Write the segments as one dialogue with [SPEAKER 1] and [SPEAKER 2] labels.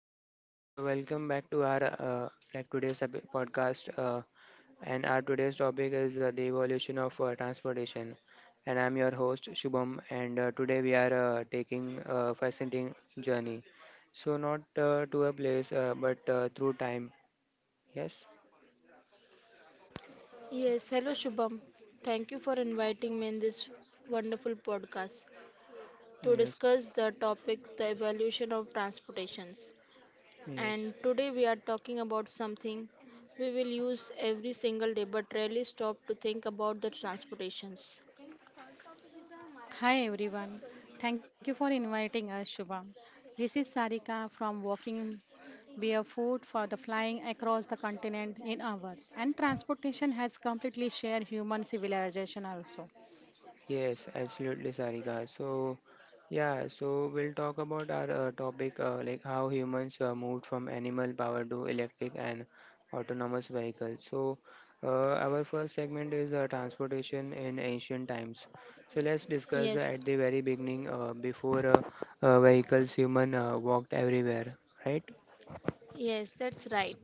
[SPEAKER 1] evening. So welcome back to our like today's podcast. And our today's topic is the evolution of transportation. And I'm your host Shubham. And today we are taking a fascinating journey. So not to a place, but through time. Yes.
[SPEAKER 2] Yes, hello Shubham. Thank you for inviting me in this wonderful podcast to
[SPEAKER 1] Yes.
[SPEAKER 2] discuss the topic the evolution of transportations. And
[SPEAKER 1] Yes.
[SPEAKER 2] today we are talking about something we will use every single day but rarely stop to think about the transportations.
[SPEAKER 3] Hi everyone. Thank you for inviting us, Shubham. This is Sarika from Walking Barefoot for the Flying Across the Continent in Hours. And transportation has completely shared human civilization also.
[SPEAKER 1] Yes, absolutely, Sarika. So, yeah, so we'll talk about our topic like how humans moved from animal power to electric and autonomous vehicles. So, our first segment is transportation in ancient times. So, let's discuss
[SPEAKER 2] Yes,
[SPEAKER 1] at the very beginning before vehicles, human walked everywhere, right?
[SPEAKER 2] yes, that's right.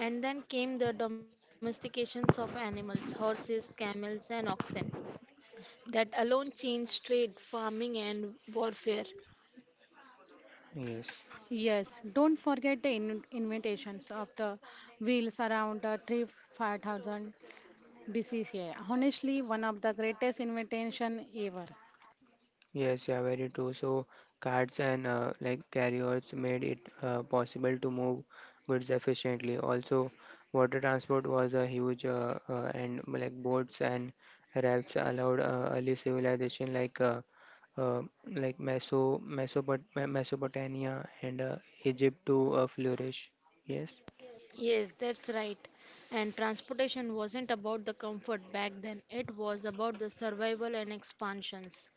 [SPEAKER 2] And then came the domestications of animals, horses, camels, and oxen, that alone changed trade, farming, and warfare.
[SPEAKER 1] Yes.
[SPEAKER 3] Yes, don't forget the invitations of the wheels around the trip 5000 BCCA. Honestly, one of the greatest invitation ever.
[SPEAKER 1] Yes, yeah, very true. So carts and like carriers made it possible to move goods efficiently. Also, water transport was a huge and like boats and rafts allowed early civilization uh, like Mesopotamia and Egypt to flourish. Yes,
[SPEAKER 2] Yes, that's right. And transportation wasn't about the comfort back then, it was about the survival and expansions.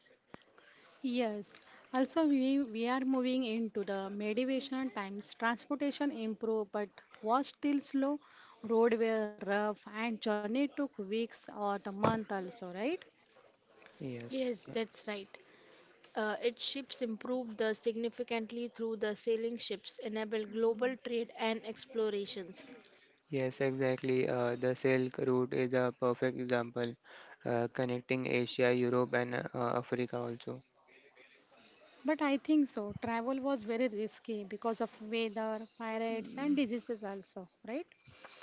[SPEAKER 3] Yes, also we are moving into the medieval times. Transportation improved but was still slow. Road were rough and journey took weeks or the month also, right?
[SPEAKER 1] yes,
[SPEAKER 2] Yes,
[SPEAKER 1] yeah.
[SPEAKER 2] that's right. Its ships improved the significantly through the sailing ships, enabled global trade and explorations.
[SPEAKER 1] Yes, exactly. The Silk Route is a perfect example, connecting Asia, Europe, and Africa also.
[SPEAKER 3] But I think so. Travel was very risky because of weather, pirates and
[SPEAKER 1] Mm.
[SPEAKER 3] diseases also, right?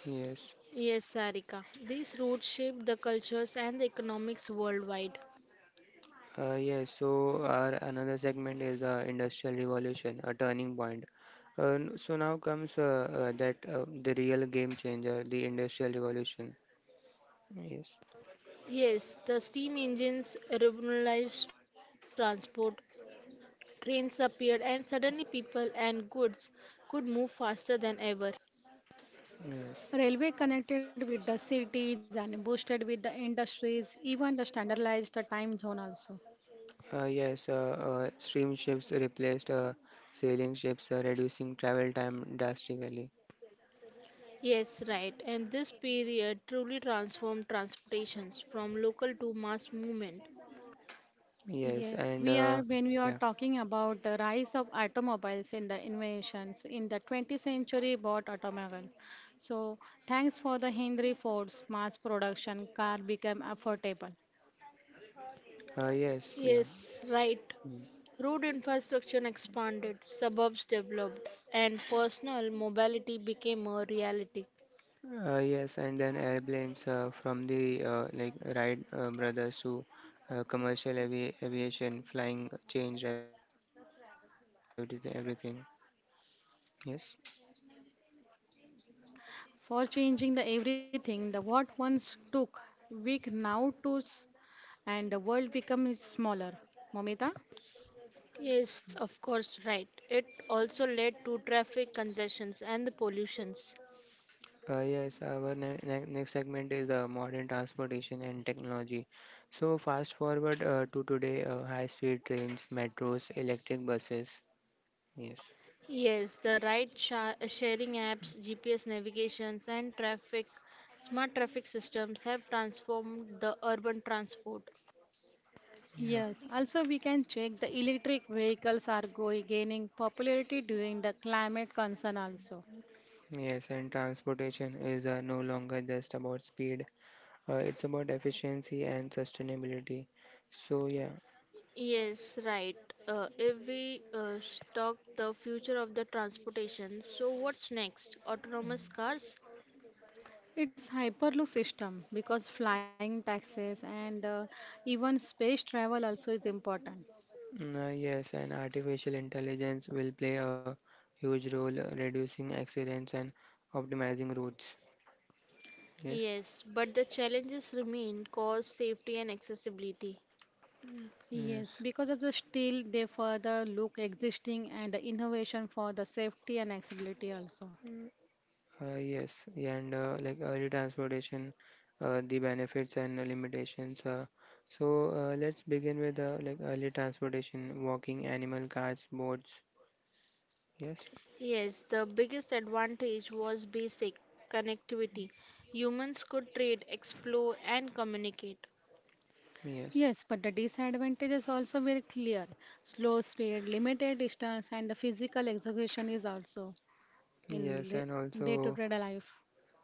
[SPEAKER 1] Yes.
[SPEAKER 2] Yes, Sarika. These routes shaped the cultures and the economics worldwide.
[SPEAKER 1] Yes, so our another segment is the Industrial Revolution, a turning point. So now comes that the real game changer, the Industrial Revolution. Yes,
[SPEAKER 2] Yes, the steam engines revolutionized transport, trains appeared, and suddenly people and goods could move faster than ever.
[SPEAKER 1] yes,
[SPEAKER 3] Railway connected with the cities and boosted with the industries, even the standardized time zone also.
[SPEAKER 1] yes. Steam ships replaced sailing ships, reducing travel time drastically.
[SPEAKER 2] Yes, right. And this period truly transformed transportations from local to mass movement.
[SPEAKER 1] Yes,
[SPEAKER 3] Yes,
[SPEAKER 1] and
[SPEAKER 3] we are when we are
[SPEAKER 1] yeah.
[SPEAKER 3] talking about the rise of automobiles in the inventions in the 20th century bought automobile. So thanks for the Henry Ford's mass production car became affordable.
[SPEAKER 1] Yes, yeah.
[SPEAKER 2] Yes, right.
[SPEAKER 1] Mm.
[SPEAKER 2] Road infrastructure expanded, suburbs developed, and personal mobility became a reality.
[SPEAKER 1] Yes, and then airplanes from the like Wright brothers to commercial aviation, flying changed everything. Everything. Yes.
[SPEAKER 3] For changing the everything, the what once took week now to and the world becomes smaller. Momita?
[SPEAKER 2] Yes, of course, right. It also led to traffic congestions and the pollutions.
[SPEAKER 1] Our next segment is modern transportation and technology. So fast forward to today, high-speed trains, metros, electric buses. Yes.
[SPEAKER 2] Yes, the ride sharing apps, GPS navigations, and traffic smart traffic systems have transformed the urban transport.
[SPEAKER 1] Yeah.
[SPEAKER 3] Yes, also we can check the electric vehicles are going gaining popularity during the climate concern also.
[SPEAKER 1] Yes, and transportation is no longer just about speed. It's about efficiency and sustainability. So, yeah,
[SPEAKER 2] Yes, right. If we talk the future of the transportation, so what's next? Autonomous cars?
[SPEAKER 3] It's Hyperloop system because flying taxis and even space travel also is important.
[SPEAKER 1] mm, yes, and artificial intelligence will play a huge role reducing accidents and optimizing routes. Yes,
[SPEAKER 2] Yes, but the challenges remain cost, safety, and accessibility.
[SPEAKER 3] Yes,
[SPEAKER 1] yes,
[SPEAKER 3] because of the steel, they further look existing and the innovation for the safety and accessibility also.
[SPEAKER 1] yes, yeah, and like early transportation, the benefits and limitations. So, let's begin with like early transportation, walking, animal carts, boats. Yes,
[SPEAKER 2] Yes, the biggest advantage was basic connectivity. Humans could trade, explore, and communicate.
[SPEAKER 1] yes,
[SPEAKER 3] Yes, but the disadvantages also very clear. Slow speed, limited distance, and the physical execution is also
[SPEAKER 1] yes,
[SPEAKER 3] in
[SPEAKER 1] and
[SPEAKER 3] day to
[SPEAKER 1] also.
[SPEAKER 3] day life.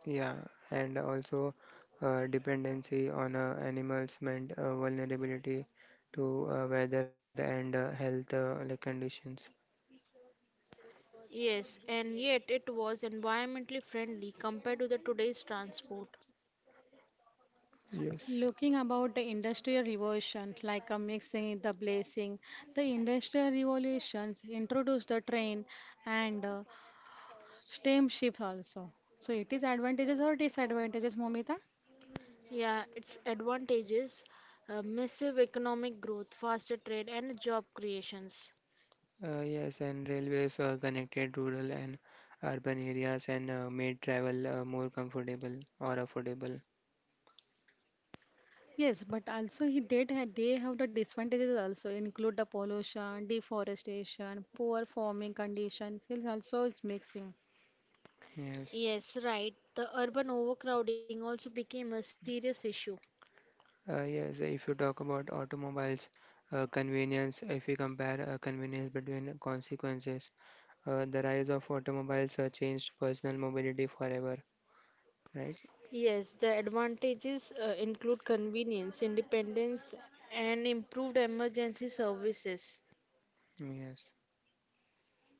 [SPEAKER 1] Yeah, and also dependency on animals meant vulnerability to weather and health like conditions.
[SPEAKER 2] Yes, and yet it was environmentally friendly compared to the today's transport.
[SPEAKER 1] Yes,
[SPEAKER 3] Looking about the industrial revolution, like a mixing, the blazing, the industrial revolutions introduced the train and steamships also. So it is advantages or disadvantages, Momita?
[SPEAKER 2] Yeah, its advantages, massive economic growth, faster trade, and job creations.
[SPEAKER 1] yes, and railways connected rural and urban areas and made travel more comfortable or affordable.
[SPEAKER 3] Yes, but also he did have, they have the disadvantages also include the pollution, deforestation, poor farming conditions. It also is mixing.
[SPEAKER 1] Yes,
[SPEAKER 2] Yes, right. The urban overcrowding also became a serious issue.
[SPEAKER 1] yes. If you talk about automobiles, convenience. If we compare convenience between consequences, the rise of automobiles changed personal mobility forever, right?
[SPEAKER 2] Yes, the advantages include convenience, independence, and improved emergency services.
[SPEAKER 1] Yes,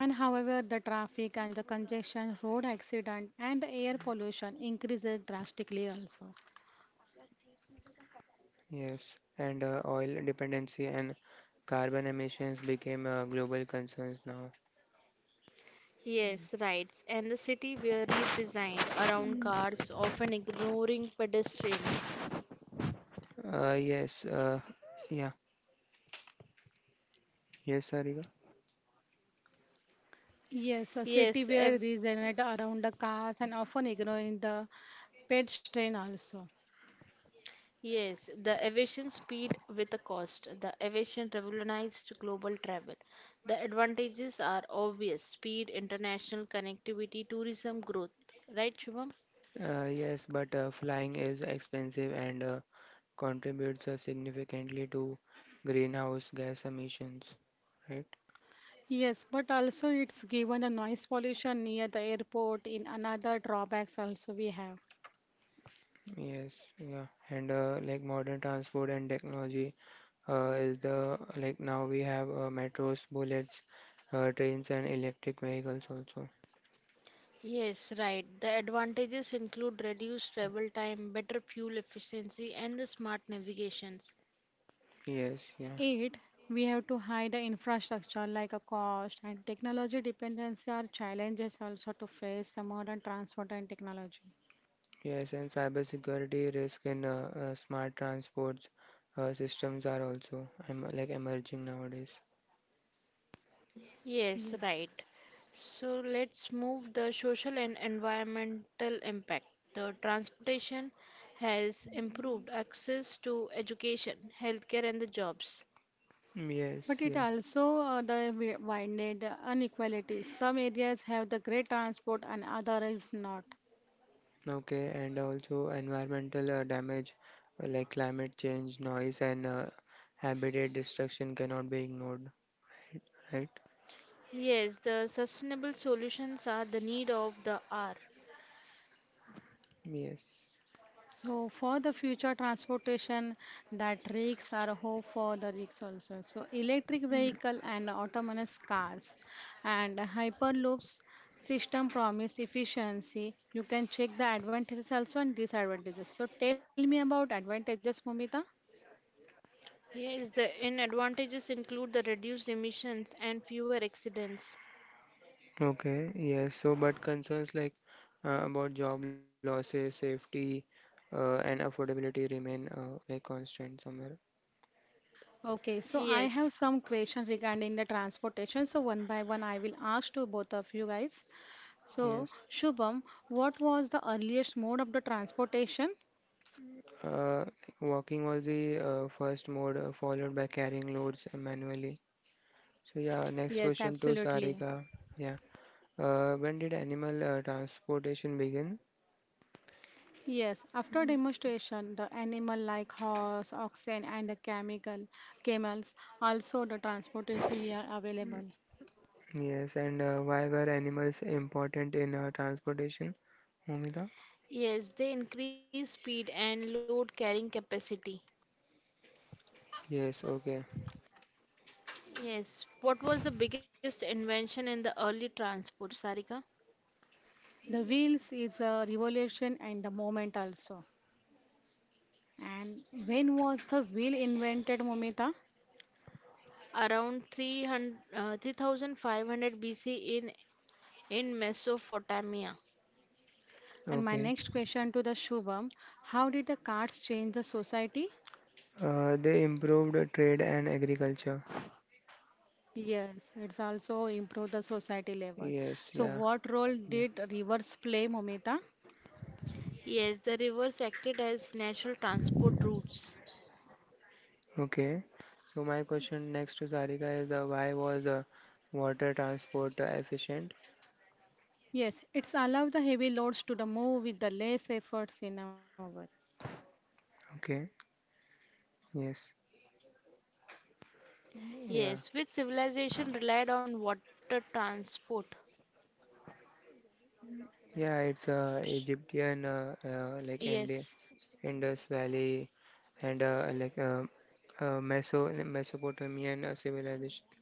[SPEAKER 3] And however, the traffic and the congestion, road accident, and the air pollution increases drastically also.
[SPEAKER 1] yes, and oil dependency and carbon emissions became global concerns now.
[SPEAKER 2] Yes, right. And the city were redesigned around cars, often ignoring pedestrians.
[SPEAKER 1] Yes, yeah, yes, Sarika.
[SPEAKER 3] Yes, a city
[SPEAKER 2] Yes,
[SPEAKER 3] where
[SPEAKER 2] ev-
[SPEAKER 3] regenerate around the cars and often ignoring the pedestrian. Also.
[SPEAKER 2] Yes, the aviation speed with a cost. The aviation revolutionized global travel. The advantages are obvious speed, international connectivity, tourism growth. Right, Shubham?
[SPEAKER 1] Yes, but flying is expensive and contributes significantly to greenhouse gas emissions, right?
[SPEAKER 3] Yes, but also it's given the noise pollution near the airport in another drawbacks also we have.
[SPEAKER 1] Yes, yeah, and like modern transport and technology is the like now we have metros, bullets, trains, and electric vehicles also.
[SPEAKER 2] Yes, right. The advantages include reduced travel time, better fuel efficiency, and the smart navigations.
[SPEAKER 1] Yes, yeah.
[SPEAKER 3] Eight, we have to hide the infrastructure like a cost and technology dependency are challenges also to face the modern transport and technology.
[SPEAKER 1] Yes, and cybersecurity risk in smart transport systems are also like emerging nowadays.
[SPEAKER 2] Yes,
[SPEAKER 3] Yes.
[SPEAKER 2] right. So let's move the social and environmental impact. The transportation has improved access to education, healthcare, and the jobs.
[SPEAKER 1] Yes,
[SPEAKER 3] But it
[SPEAKER 1] yeah.
[SPEAKER 3] also the widened inequalities. Some areas have the great transport and other is not.
[SPEAKER 1] Okay, and also environmental damage like climate change, noise, and habitat destruction cannot be ignored, right?
[SPEAKER 2] Yes, the sustainable solutions are the need of the hour.
[SPEAKER 1] Yes.
[SPEAKER 3] So for the future transportation that rigs are hope for the rigs also. So electric vehicle and autonomous cars and hyperloops system promise efficiency. You can check the advantages also and disadvantages. So tell me about advantages, Momita.
[SPEAKER 2] Yes, the in advantages include the reduced emissions and fewer accidents.
[SPEAKER 1] Okay, yes. So, but concerns like about job losses, safety, and affordability remain like constant somewhere.
[SPEAKER 3] Okay, so I have
[SPEAKER 2] Yes.
[SPEAKER 3] some questions regarding the transportation. So one by one, I will ask to both of you guys. So
[SPEAKER 1] Yes.
[SPEAKER 3] Shubham, what was the earliest mode of the transportation?
[SPEAKER 1] Uh, Walking was the first mode, followed by carrying loads manually. So yeah, next
[SPEAKER 3] Yes,
[SPEAKER 1] question to
[SPEAKER 3] absolutely.
[SPEAKER 1] Sarika. Yeah, when did animal transportation begin?
[SPEAKER 3] Yes, after demonstration, the animal like horse, oxen, and the chemical camels also the transportation are available.
[SPEAKER 1] Yes, and why were animals important in transportation? Momita?
[SPEAKER 2] Yes, they increase speed and load carrying capacity.
[SPEAKER 1] Yes, okay,
[SPEAKER 2] Yes. What was the biggest invention in the early transport, Sarika?
[SPEAKER 3] The wheels is a revolution and the moment also. And when was the wheel invented, Momita?
[SPEAKER 2] Around 300, 3500 BC in, in Mesopotamia.
[SPEAKER 3] And my
[SPEAKER 1] okay.
[SPEAKER 3] next question to the Shubham: How did the carts change the society?
[SPEAKER 1] They improved trade and agriculture.
[SPEAKER 3] Yes, it's also improved the society level.
[SPEAKER 1] Yes,
[SPEAKER 3] So,
[SPEAKER 1] yeah,
[SPEAKER 3] what role
[SPEAKER 1] yeah.
[SPEAKER 3] did rivers play, Momita?
[SPEAKER 2] Yes, the rivers acted as natural transport routes.
[SPEAKER 1] Okay. So my question next to Sarika is why was water transport efficient?
[SPEAKER 3] Yes, it's allow the heavy loads to the move with the less efforts in our
[SPEAKER 1] Okay. Yes, yeah,
[SPEAKER 2] Yes, which civilization relied on water transport?
[SPEAKER 1] yeah. It's
[SPEAKER 2] Sh-
[SPEAKER 1] Egyptian, like Indi
[SPEAKER 2] Yes.
[SPEAKER 1] Indus Valley, and like Mesopotamian civilization.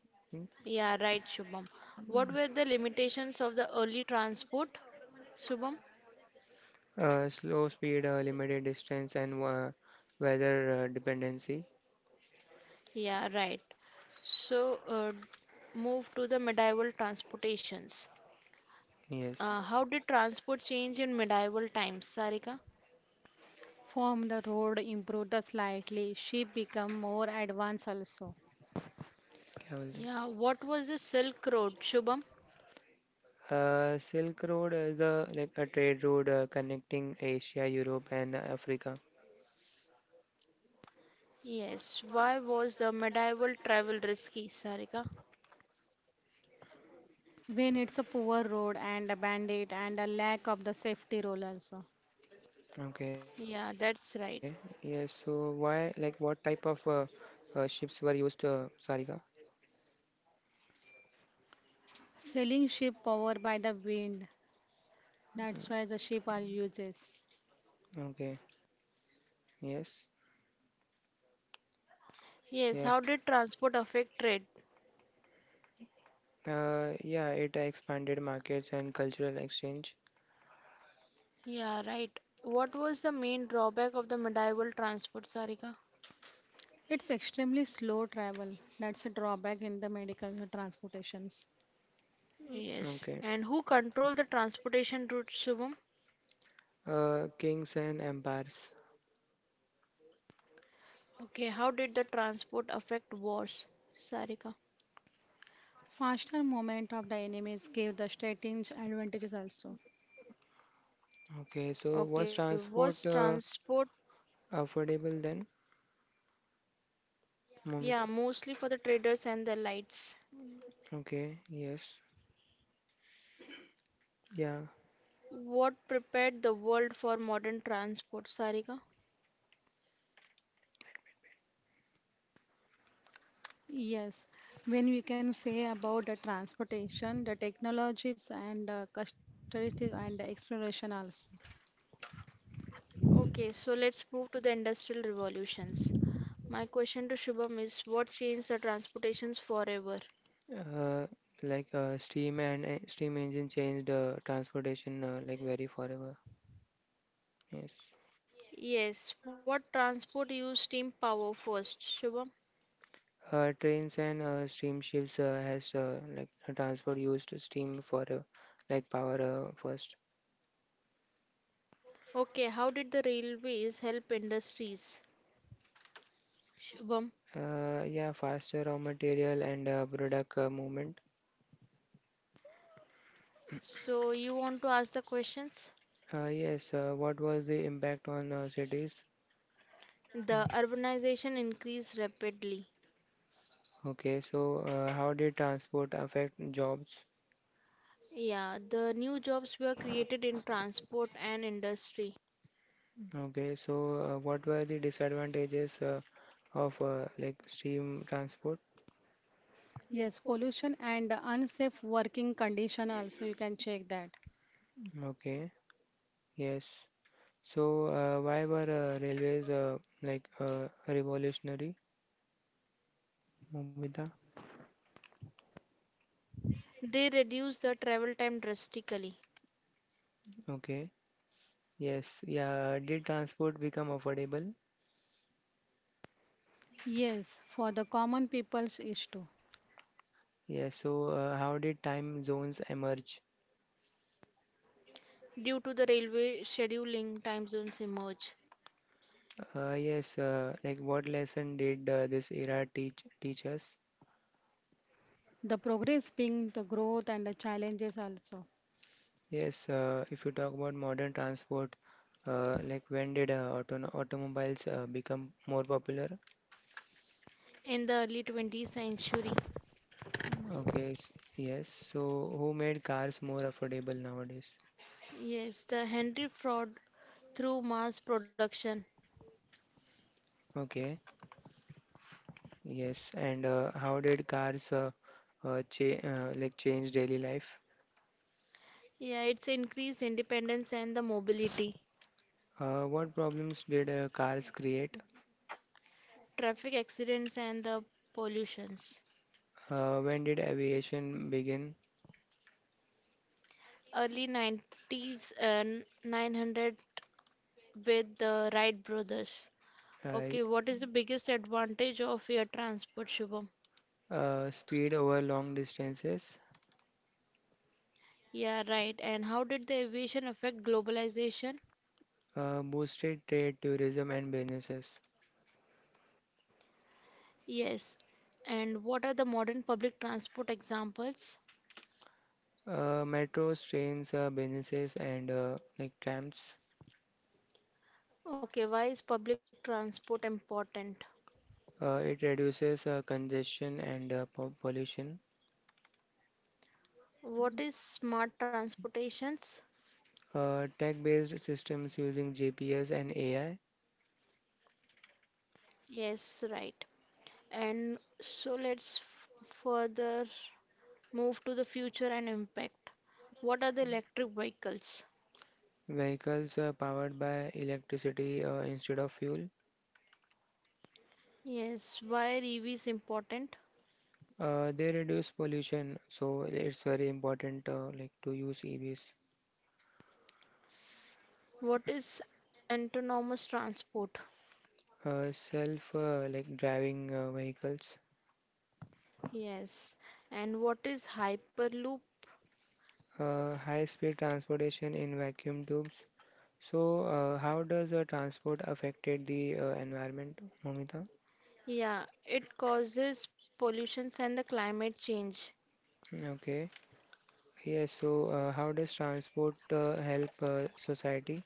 [SPEAKER 2] Yeah, right, Shubham. What were the limitations of the early transport, Shubham?
[SPEAKER 1] Slow speed, limited distance, and weather dependency.
[SPEAKER 2] Yeah, right. So, move to the medieval transportations.
[SPEAKER 1] Yes,
[SPEAKER 2] How did transport change in medieval times, Sarika?
[SPEAKER 3] form the road improve the slightly sheep become more advanced also
[SPEAKER 1] क्या बोलते
[SPEAKER 2] Yeah,
[SPEAKER 1] हैं?
[SPEAKER 2] what was the Silk Road, Shubham?
[SPEAKER 1] Silk Road is the like a trade route connecting Asia, Europe, and Africa.
[SPEAKER 2] Yes, why was the medieval travel risky, Sarika?
[SPEAKER 3] when it's a poor road and a bandit and a lack of the safety role also
[SPEAKER 1] Okay,
[SPEAKER 2] Yeah,
[SPEAKER 1] yes.
[SPEAKER 2] that's
[SPEAKER 1] So
[SPEAKER 2] right.
[SPEAKER 1] why, like, what type of ships were used, Sarika?
[SPEAKER 3] selling sheep power by the wind that's
[SPEAKER 1] Mm,
[SPEAKER 3] why the sheep are uses
[SPEAKER 1] okay, yes,
[SPEAKER 2] Yes,
[SPEAKER 1] yeah,
[SPEAKER 2] how did transport affect trade?
[SPEAKER 1] yeah. It expanded markets and cultural exchange.
[SPEAKER 2] Yeah, right. What was the main drawback of the medieval transport, Sarika?
[SPEAKER 3] it's extremely slow travel that's a drawback in the medical transportations
[SPEAKER 2] Yes,
[SPEAKER 1] Okay,
[SPEAKER 2] and who controlled the transportation routes, Shubham?
[SPEAKER 1] kings and empires.
[SPEAKER 2] Okay, how did the transport affect wars, Sarika?
[SPEAKER 3] faster movement of the enemies give the strategic advantages also.
[SPEAKER 1] Okay, so was
[SPEAKER 2] Okay,
[SPEAKER 1] transport
[SPEAKER 2] was transport,
[SPEAKER 1] affordable then,
[SPEAKER 2] yeah,
[SPEAKER 1] Momita?
[SPEAKER 2] mostly for the traders and the lights.
[SPEAKER 1] Okay, yes, yeah.
[SPEAKER 2] What prepared the world for modern transport, Sarika?
[SPEAKER 3] Yes, when we can say about the transportation, the technologies and custody and exploration also.
[SPEAKER 2] Okay, so let's move to the industrial revolutions. My question to Shubham is what changed the transportations forever?
[SPEAKER 1] Uh, like steam and steam engine changed transportation like very forever. Yes.
[SPEAKER 2] Yes, what transport used steam power first, Shubham?
[SPEAKER 1] Trains and steamships has like transport used steam for like power first.
[SPEAKER 2] Okay, how did the railways help industries, Shubham?
[SPEAKER 1] Yeah, faster raw material and product movement.
[SPEAKER 2] So you want to ask the questions?
[SPEAKER 1] Yes, what was the impact on cities?
[SPEAKER 2] The urbanization increased rapidly.
[SPEAKER 1] Okay, so how did transport affect jobs?
[SPEAKER 2] Yeah, the new jobs were created in transport and industry.
[SPEAKER 1] Okay, so what were the disadvantages of like steam transport?
[SPEAKER 3] Yes, pollution and the unsafe working condition also you can check that.
[SPEAKER 1] Okay, yes. So why were railways like revolutionary? Mumita?
[SPEAKER 2] They reduced the travel time drastically.
[SPEAKER 1] Okay. Yes. Yeah. Did transport become affordable?
[SPEAKER 3] Yes, for the common people's issue.
[SPEAKER 1] Yes. So, how did time zones emerge?
[SPEAKER 2] Due to the railway scheduling, time zones emerge.
[SPEAKER 1] Yes. Like, what lesson did this era teach us?
[SPEAKER 3] The progress being the growth and the challenges also.
[SPEAKER 1] Yes. If you talk about modern transport, like when did automobiles become more popular?
[SPEAKER 2] In the early 20th century,
[SPEAKER 1] Okay. Yes. So, who made cars more affordable nowadays?
[SPEAKER 2] yes, the Henry fraud through mass production.
[SPEAKER 1] Okay. Yes. And how did cars cha like change daily life?
[SPEAKER 2] Yeah, it's increased independence and the mobility,
[SPEAKER 1] What problems did cars create?
[SPEAKER 2] traffic accidents and the pollutions.
[SPEAKER 1] When did aviation begin?
[SPEAKER 2] Early 90s, 900 with the Wright brothers.
[SPEAKER 1] Uh,
[SPEAKER 2] Okay, what is the biggest advantage of air transport, Shubham?
[SPEAKER 1] Speed over long distances
[SPEAKER 2] Yeah, right. And how did the aviation affect globalization?
[SPEAKER 1] boosted trade, tourism, and businesses.
[SPEAKER 2] Yes. And what are the modern public transport examples?
[SPEAKER 1] Metros, trains, businesses, and like trams.
[SPEAKER 2] Okay, why is public transport important?
[SPEAKER 1] It reduces congestion and pollution.
[SPEAKER 2] What is smart transportations?
[SPEAKER 1] Tech-based systems using GPS and AI.
[SPEAKER 2] Yes, right. And so let's further move to the future and impact. What are the electric vehicles?
[SPEAKER 1] Vehicles powered by electricity instead of fuel.
[SPEAKER 2] Yes, why EV is important?
[SPEAKER 1] They reduce pollution, so it's very important like to use EVs.
[SPEAKER 2] What is autonomous transport?
[SPEAKER 1] Self like driving vehicles,
[SPEAKER 2] Yes, and what is hyperloop?
[SPEAKER 1] high-speed transportation in vacuum tubes. So, how does transport affected the environment, Momita?
[SPEAKER 2] Yeah, it causes pollutions and the climate change.
[SPEAKER 1] Okay. Yes. So, how does transport help society?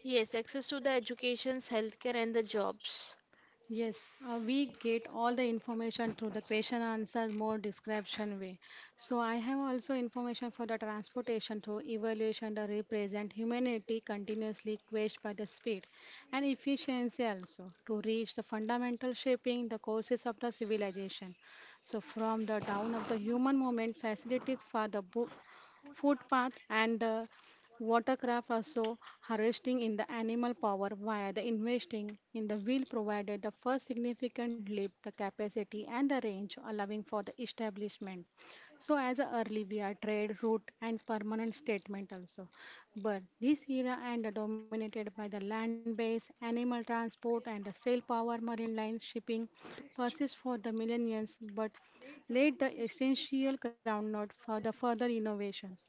[SPEAKER 2] Yes, access to the educations, healthcare, and the jobs.
[SPEAKER 3] Yes, we get all the information through the question answer more description way. So I have also information for the transportation through evaluation to represent humanity continuously quest by the speed and efficiency also to reach the fundamental shaping the courses of the civilization. So from the down of the human movement facilities for the footpath and the Watercraft are so harvesting in the animal power via the investing in the wheel provided the first significant leap, the capacity and the range allowing for the establishment. So as a early we are trade route and permanent statement also. But this era and the dominated by the land based animal transport and the sail power marine lines shipping persists for the millennia but laid the essential groundwork for the further innovations.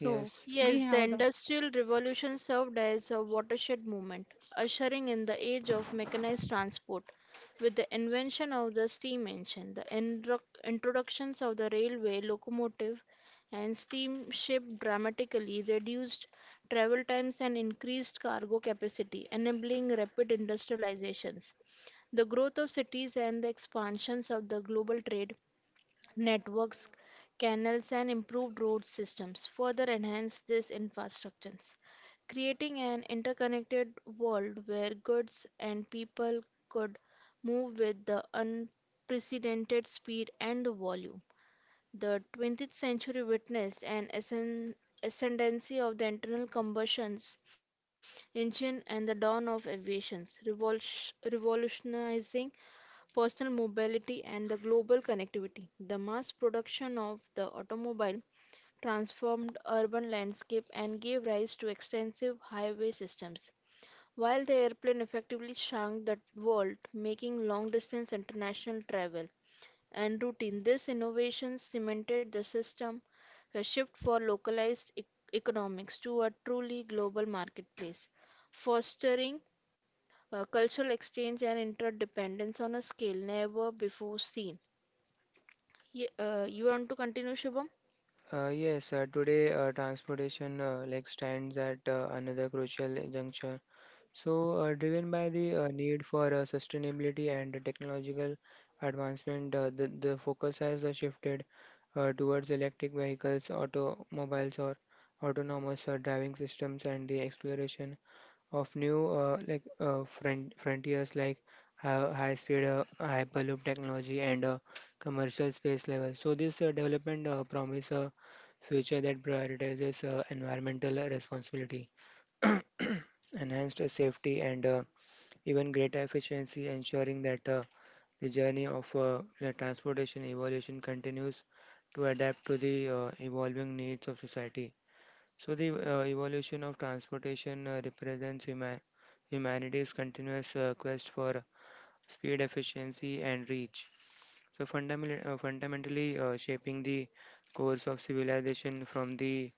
[SPEAKER 1] Yes.
[SPEAKER 2] Yes,
[SPEAKER 3] we
[SPEAKER 2] the
[SPEAKER 3] have the
[SPEAKER 2] Industrial Revolution served as a watershed moment, ushering in the age of mechanized transport. With the invention of the steam engine, the introductions of the railway, locomotive, and steamship dramatically reduced travel times and increased cargo capacity, enabling rapid industrializations. The growth of cities and the expansions of the global trade networks, canals, and improved road systems further enhance these infrastructures, creating an interconnected world where goods and people could move with the unprecedented speed and volume. The 20th century witnessed an ascendancy of the internal combustion engine and the dawn of aviation, revolutionizing personal mobility and the global connectivity. The mass production of the automobile transformed urban landscape and gave rise to extensive highway systems, while the airplane effectively shrunk the world, making long-distance international travel and routine. This innovation cemented the system a shift for localized economics to a truly global marketplace, fostering cultural exchange and interdependence on a scale never before seen. You want to continue, Shubham?
[SPEAKER 1] Yes. Today, transportation like stands at another crucial juncture. So, driven by the need for sustainability and technological advancement, the focus has shifted towards electric vehicles, automobiles, or autonomous driving systems, and the exploration of new like frontiers like high-speed hyperloop technology and commercial space level. So, this development promise a future that prioritizes environmental responsibility. Enhanced safety and even greater efficiency, ensuring that the journey of the transportation evolution continues to adapt to the evolving needs of society. So, the evolution of transportation represents humanity's continuous quest for speed, efficiency, and reach. So fundamentally shaping the course of civilization from the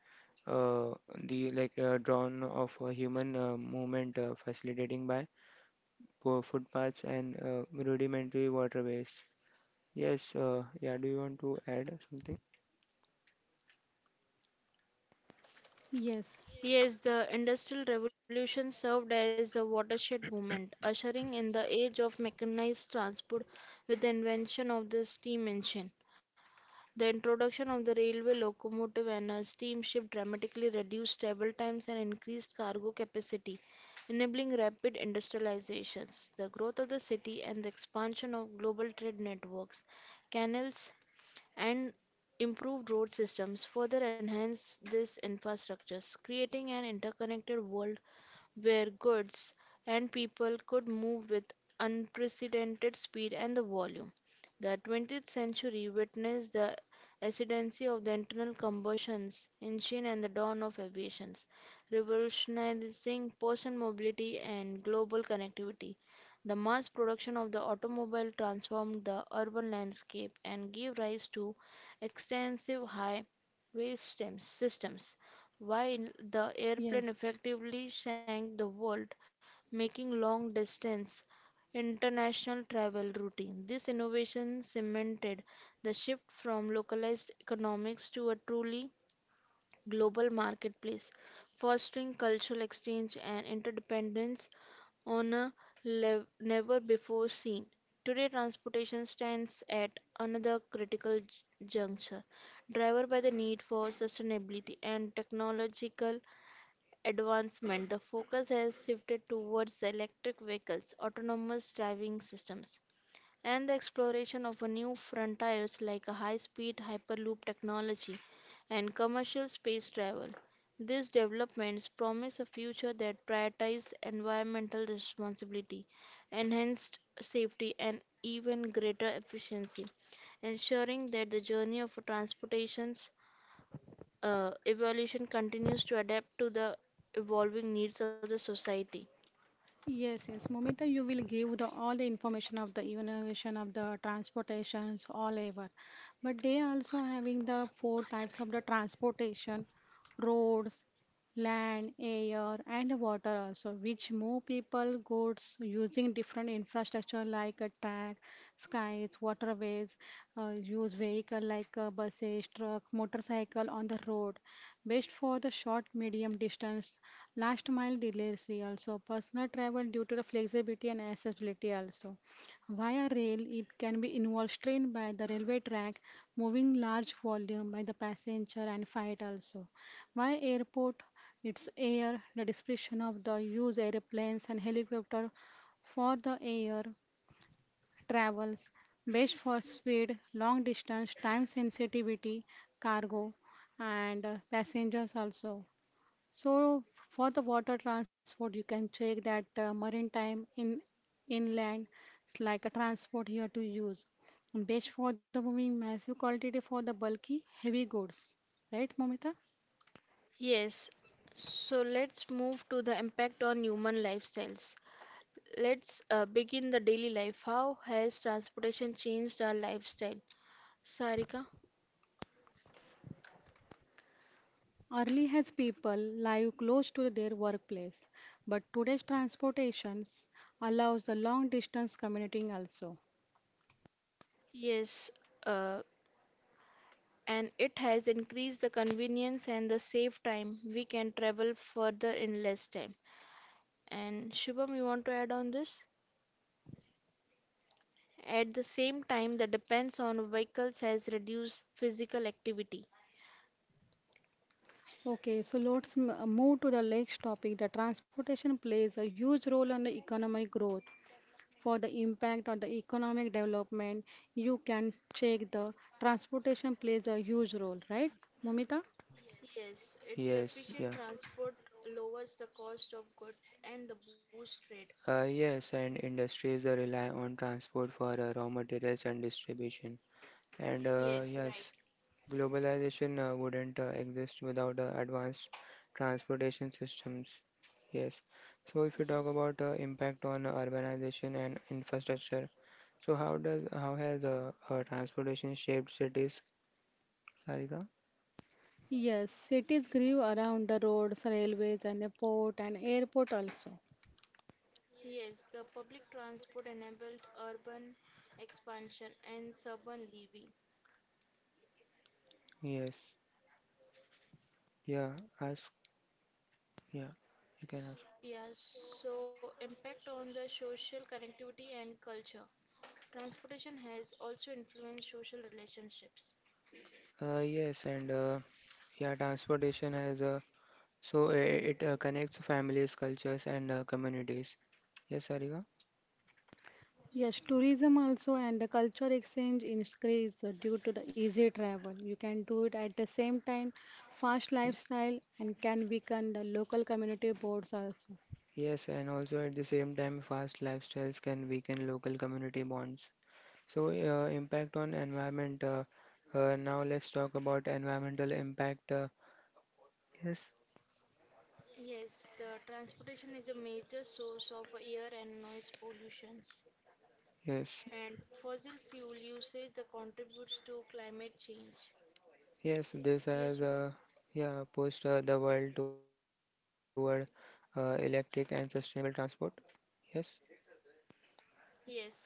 [SPEAKER 1] uh, like drawn of a human movement facilitating by poor footpaths and rudimentary waterways. Yes, yeah. Do you want to add something?
[SPEAKER 3] yes,
[SPEAKER 2] Yes, the Industrial Revolution served as a watershed moment, ushering in the age of mechanized transport with the invention of the steam engine. The introduction of the railway locomotive and a steamship dramatically reduced travel times and increased cargo capacity, enabling rapid industrializations. The growth of the city and the expansion of global trade networks, canals, and improved road systems further enhanced these infrastructures, creating an interconnected world where goods and people could move with unprecedented speed and the volume. The 20th century witnessed the ascendancy of the internal combustion engine and the dawn of aviation, revolutionizing personal mobility and global connectivity. The mass production of the automobile transformed the urban landscape and gave rise to extensive highway systems while the airplane
[SPEAKER 3] yes,
[SPEAKER 2] effectively sank the world, making long distance international travel routine. This innovation cemented the shift from localized economics to a truly global marketplace, fostering cultural exchange and interdependence on a never before seen. Today, transportation stands at another critical juncture, driven by the need for sustainability and technological advancement. The focus has shifted towards the electric vehicles, autonomous driving systems, and the exploration of a new frontiers like a high-speed hyperloop technology and commercial space travel. These developments promise a future that prioritizes environmental responsibility, enhanced safety, and even greater efficiency, ensuring that the journey of transportation's evolution continues to adapt to the evolving needs of the society.
[SPEAKER 3] yes, yes. Momita, you will give the all the information of the innovation of the transportations all over. But they also having the four types of the transportation, roads, land, air, and water also, which more people goods using different infrastructure like a track, skies, waterways, use vehicle like buses, truck, motorcycle on the road. Best for the short, medium distance, last mile delivery also, personal travel due to the flexibility and accessibility also. Via rail, it can be involved strain by the railway track, moving large volume by the passenger and freight also. Why airport? Its air, the description of the use airplanes and helicopter for the air travels, best for speed, long distance, time sensitivity, cargo, and passengers also. So for the water transport, you can check that maritime in inland it's like a transport here to use. Best for the moving massive quantity for the bulky heavy goods, right, Mamita?
[SPEAKER 2] Yes, so let's move to the impact on human lifestyles. Let's begin the daily life. How has transportation changed our lifestyle? Sarika?
[SPEAKER 3] Early has people live close to their workplace, but today's transportations allows the long distance commuting also.
[SPEAKER 2] Yes, uh, and it has increased the convenience and the save time. We can travel further in less time. And Shubham, you want to add on this? At the same time, the depends on vehicles has reduced physical activity.
[SPEAKER 3] Okay, so let's move to the next topic. The transportation plays a huge role on the economic growth. For the impact on the economic development, you can check the transportation plays a huge role, right, Momita?
[SPEAKER 2] Yes, its
[SPEAKER 1] Yes,
[SPEAKER 2] efficient
[SPEAKER 1] yeah.
[SPEAKER 2] transport lowers the cost of goods and the boost trade.
[SPEAKER 1] Yes, and industries rely on transport for raw materials and distribution. And
[SPEAKER 2] Yes, right.
[SPEAKER 1] yes, globalization wouldn't exist without advanced transportation systems. Yes. So if you talk
[SPEAKER 2] Yes.
[SPEAKER 1] about impact on urbanization and infrastructure, so how has transportation shaped cities? Sarika?
[SPEAKER 3] Yes, cities grew around the roads, railways, and a port and airport also.
[SPEAKER 2] Yes, the public transport enabled urban expansion and suburban living.
[SPEAKER 1] Yes. Yeah. Ask. Yeah. You can ask.
[SPEAKER 2] Yeah, so impact on the social connectivity and culture. Transportation has also influenced social relationships.
[SPEAKER 1] Yes, and yeah, transportation has so it connects families, cultures, and communities. Yes, Sarika?
[SPEAKER 3] Yes, tourism also and the culture exchange increase due to the easy travel. You can do it at the same time, fast lifestyle and can weaken the local community boards also.
[SPEAKER 1] Yes, and also at the same time, fast lifestyles can weaken local community bonds. So, impact on environment. Now, let's talk about environmental impact. Yes.
[SPEAKER 2] Yes, the transportation is a major source of air and noise pollutions,
[SPEAKER 1] Yes,
[SPEAKER 2] and fossil fuel usage that contributes to climate change.
[SPEAKER 1] yes,
[SPEAKER 2] Yes,
[SPEAKER 1] this
[SPEAKER 2] Shubham?
[SPEAKER 1] has yeah pushed the world toward electric and sustainable transport. Yes,
[SPEAKER 2] Yes, right.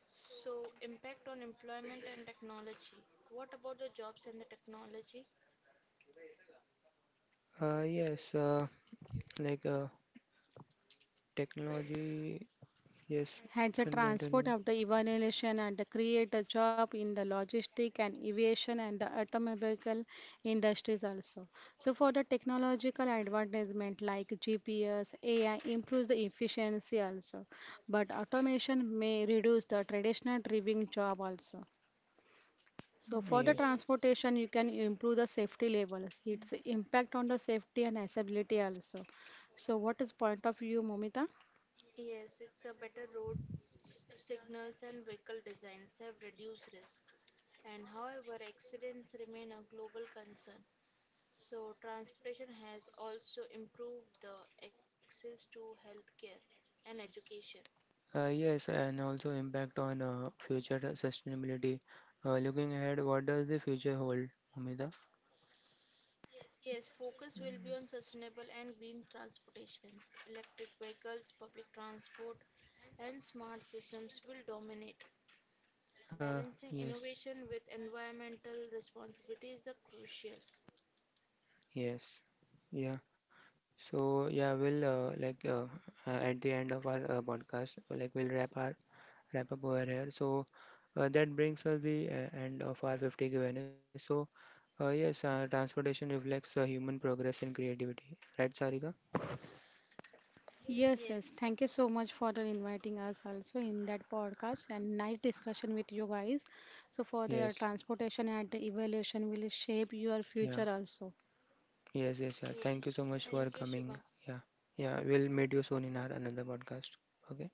[SPEAKER 2] So, impact on employment and technology. What about the jobs and the technology?
[SPEAKER 1] uh, yes, uh, like technology, yes,
[SPEAKER 3] Had the
[SPEAKER 1] can
[SPEAKER 3] transport
[SPEAKER 1] continue.
[SPEAKER 3] of the evaluation and the create a job in the logistic and aviation and the automobile industries also. So for the technological advancement like GPS, AI improves the efficiency also, but automation may reduce the traditional driving job also. So for the
[SPEAKER 1] Yes,
[SPEAKER 2] Yes.
[SPEAKER 3] transportation, you can improve the safety level, its impact on the safety and accessibility also. So what is point of view, Momita?
[SPEAKER 2] Yes, it's a better roads, signals, and vehicle designs have reduced risk. And however, accidents remain a global concern. So, transportation has also improved the access to healthcare and education.
[SPEAKER 1] yes, and also impact on future sustainability. Looking ahead, what does the future hold, Umida?
[SPEAKER 2] Yes, focus will be on sustainable and green transportations. Electric vehicles, public transport, and smart systems will dominate.
[SPEAKER 1] Uh,
[SPEAKER 2] Balancing
[SPEAKER 1] yes,
[SPEAKER 2] innovation with environmental responsibility is a crucial.
[SPEAKER 1] yes, yeah. So yeah, we'll at the end of our podcast, like we'll wrap up over here. So that brings us the end of our 50 Q&A. So yes, transportation reflects human progress in creativity, right, Sarika?
[SPEAKER 3] Yes, yes.
[SPEAKER 2] Yes.
[SPEAKER 3] Thank you so much for the inviting us also in that podcast and nice discussion with you guys. So for their
[SPEAKER 1] Yes,
[SPEAKER 3] transportation and the evaluation will shape your
[SPEAKER 1] yeah,
[SPEAKER 3] future also.
[SPEAKER 1] yes, yes, yeah. Thank you
[SPEAKER 2] Yes.
[SPEAKER 1] so much
[SPEAKER 2] Thank
[SPEAKER 1] for
[SPEAKER 2] you, Shubham.
[SPEAKER 1] coming. Yeah, yeah. We'll meet you soon in our another podcast. Okay.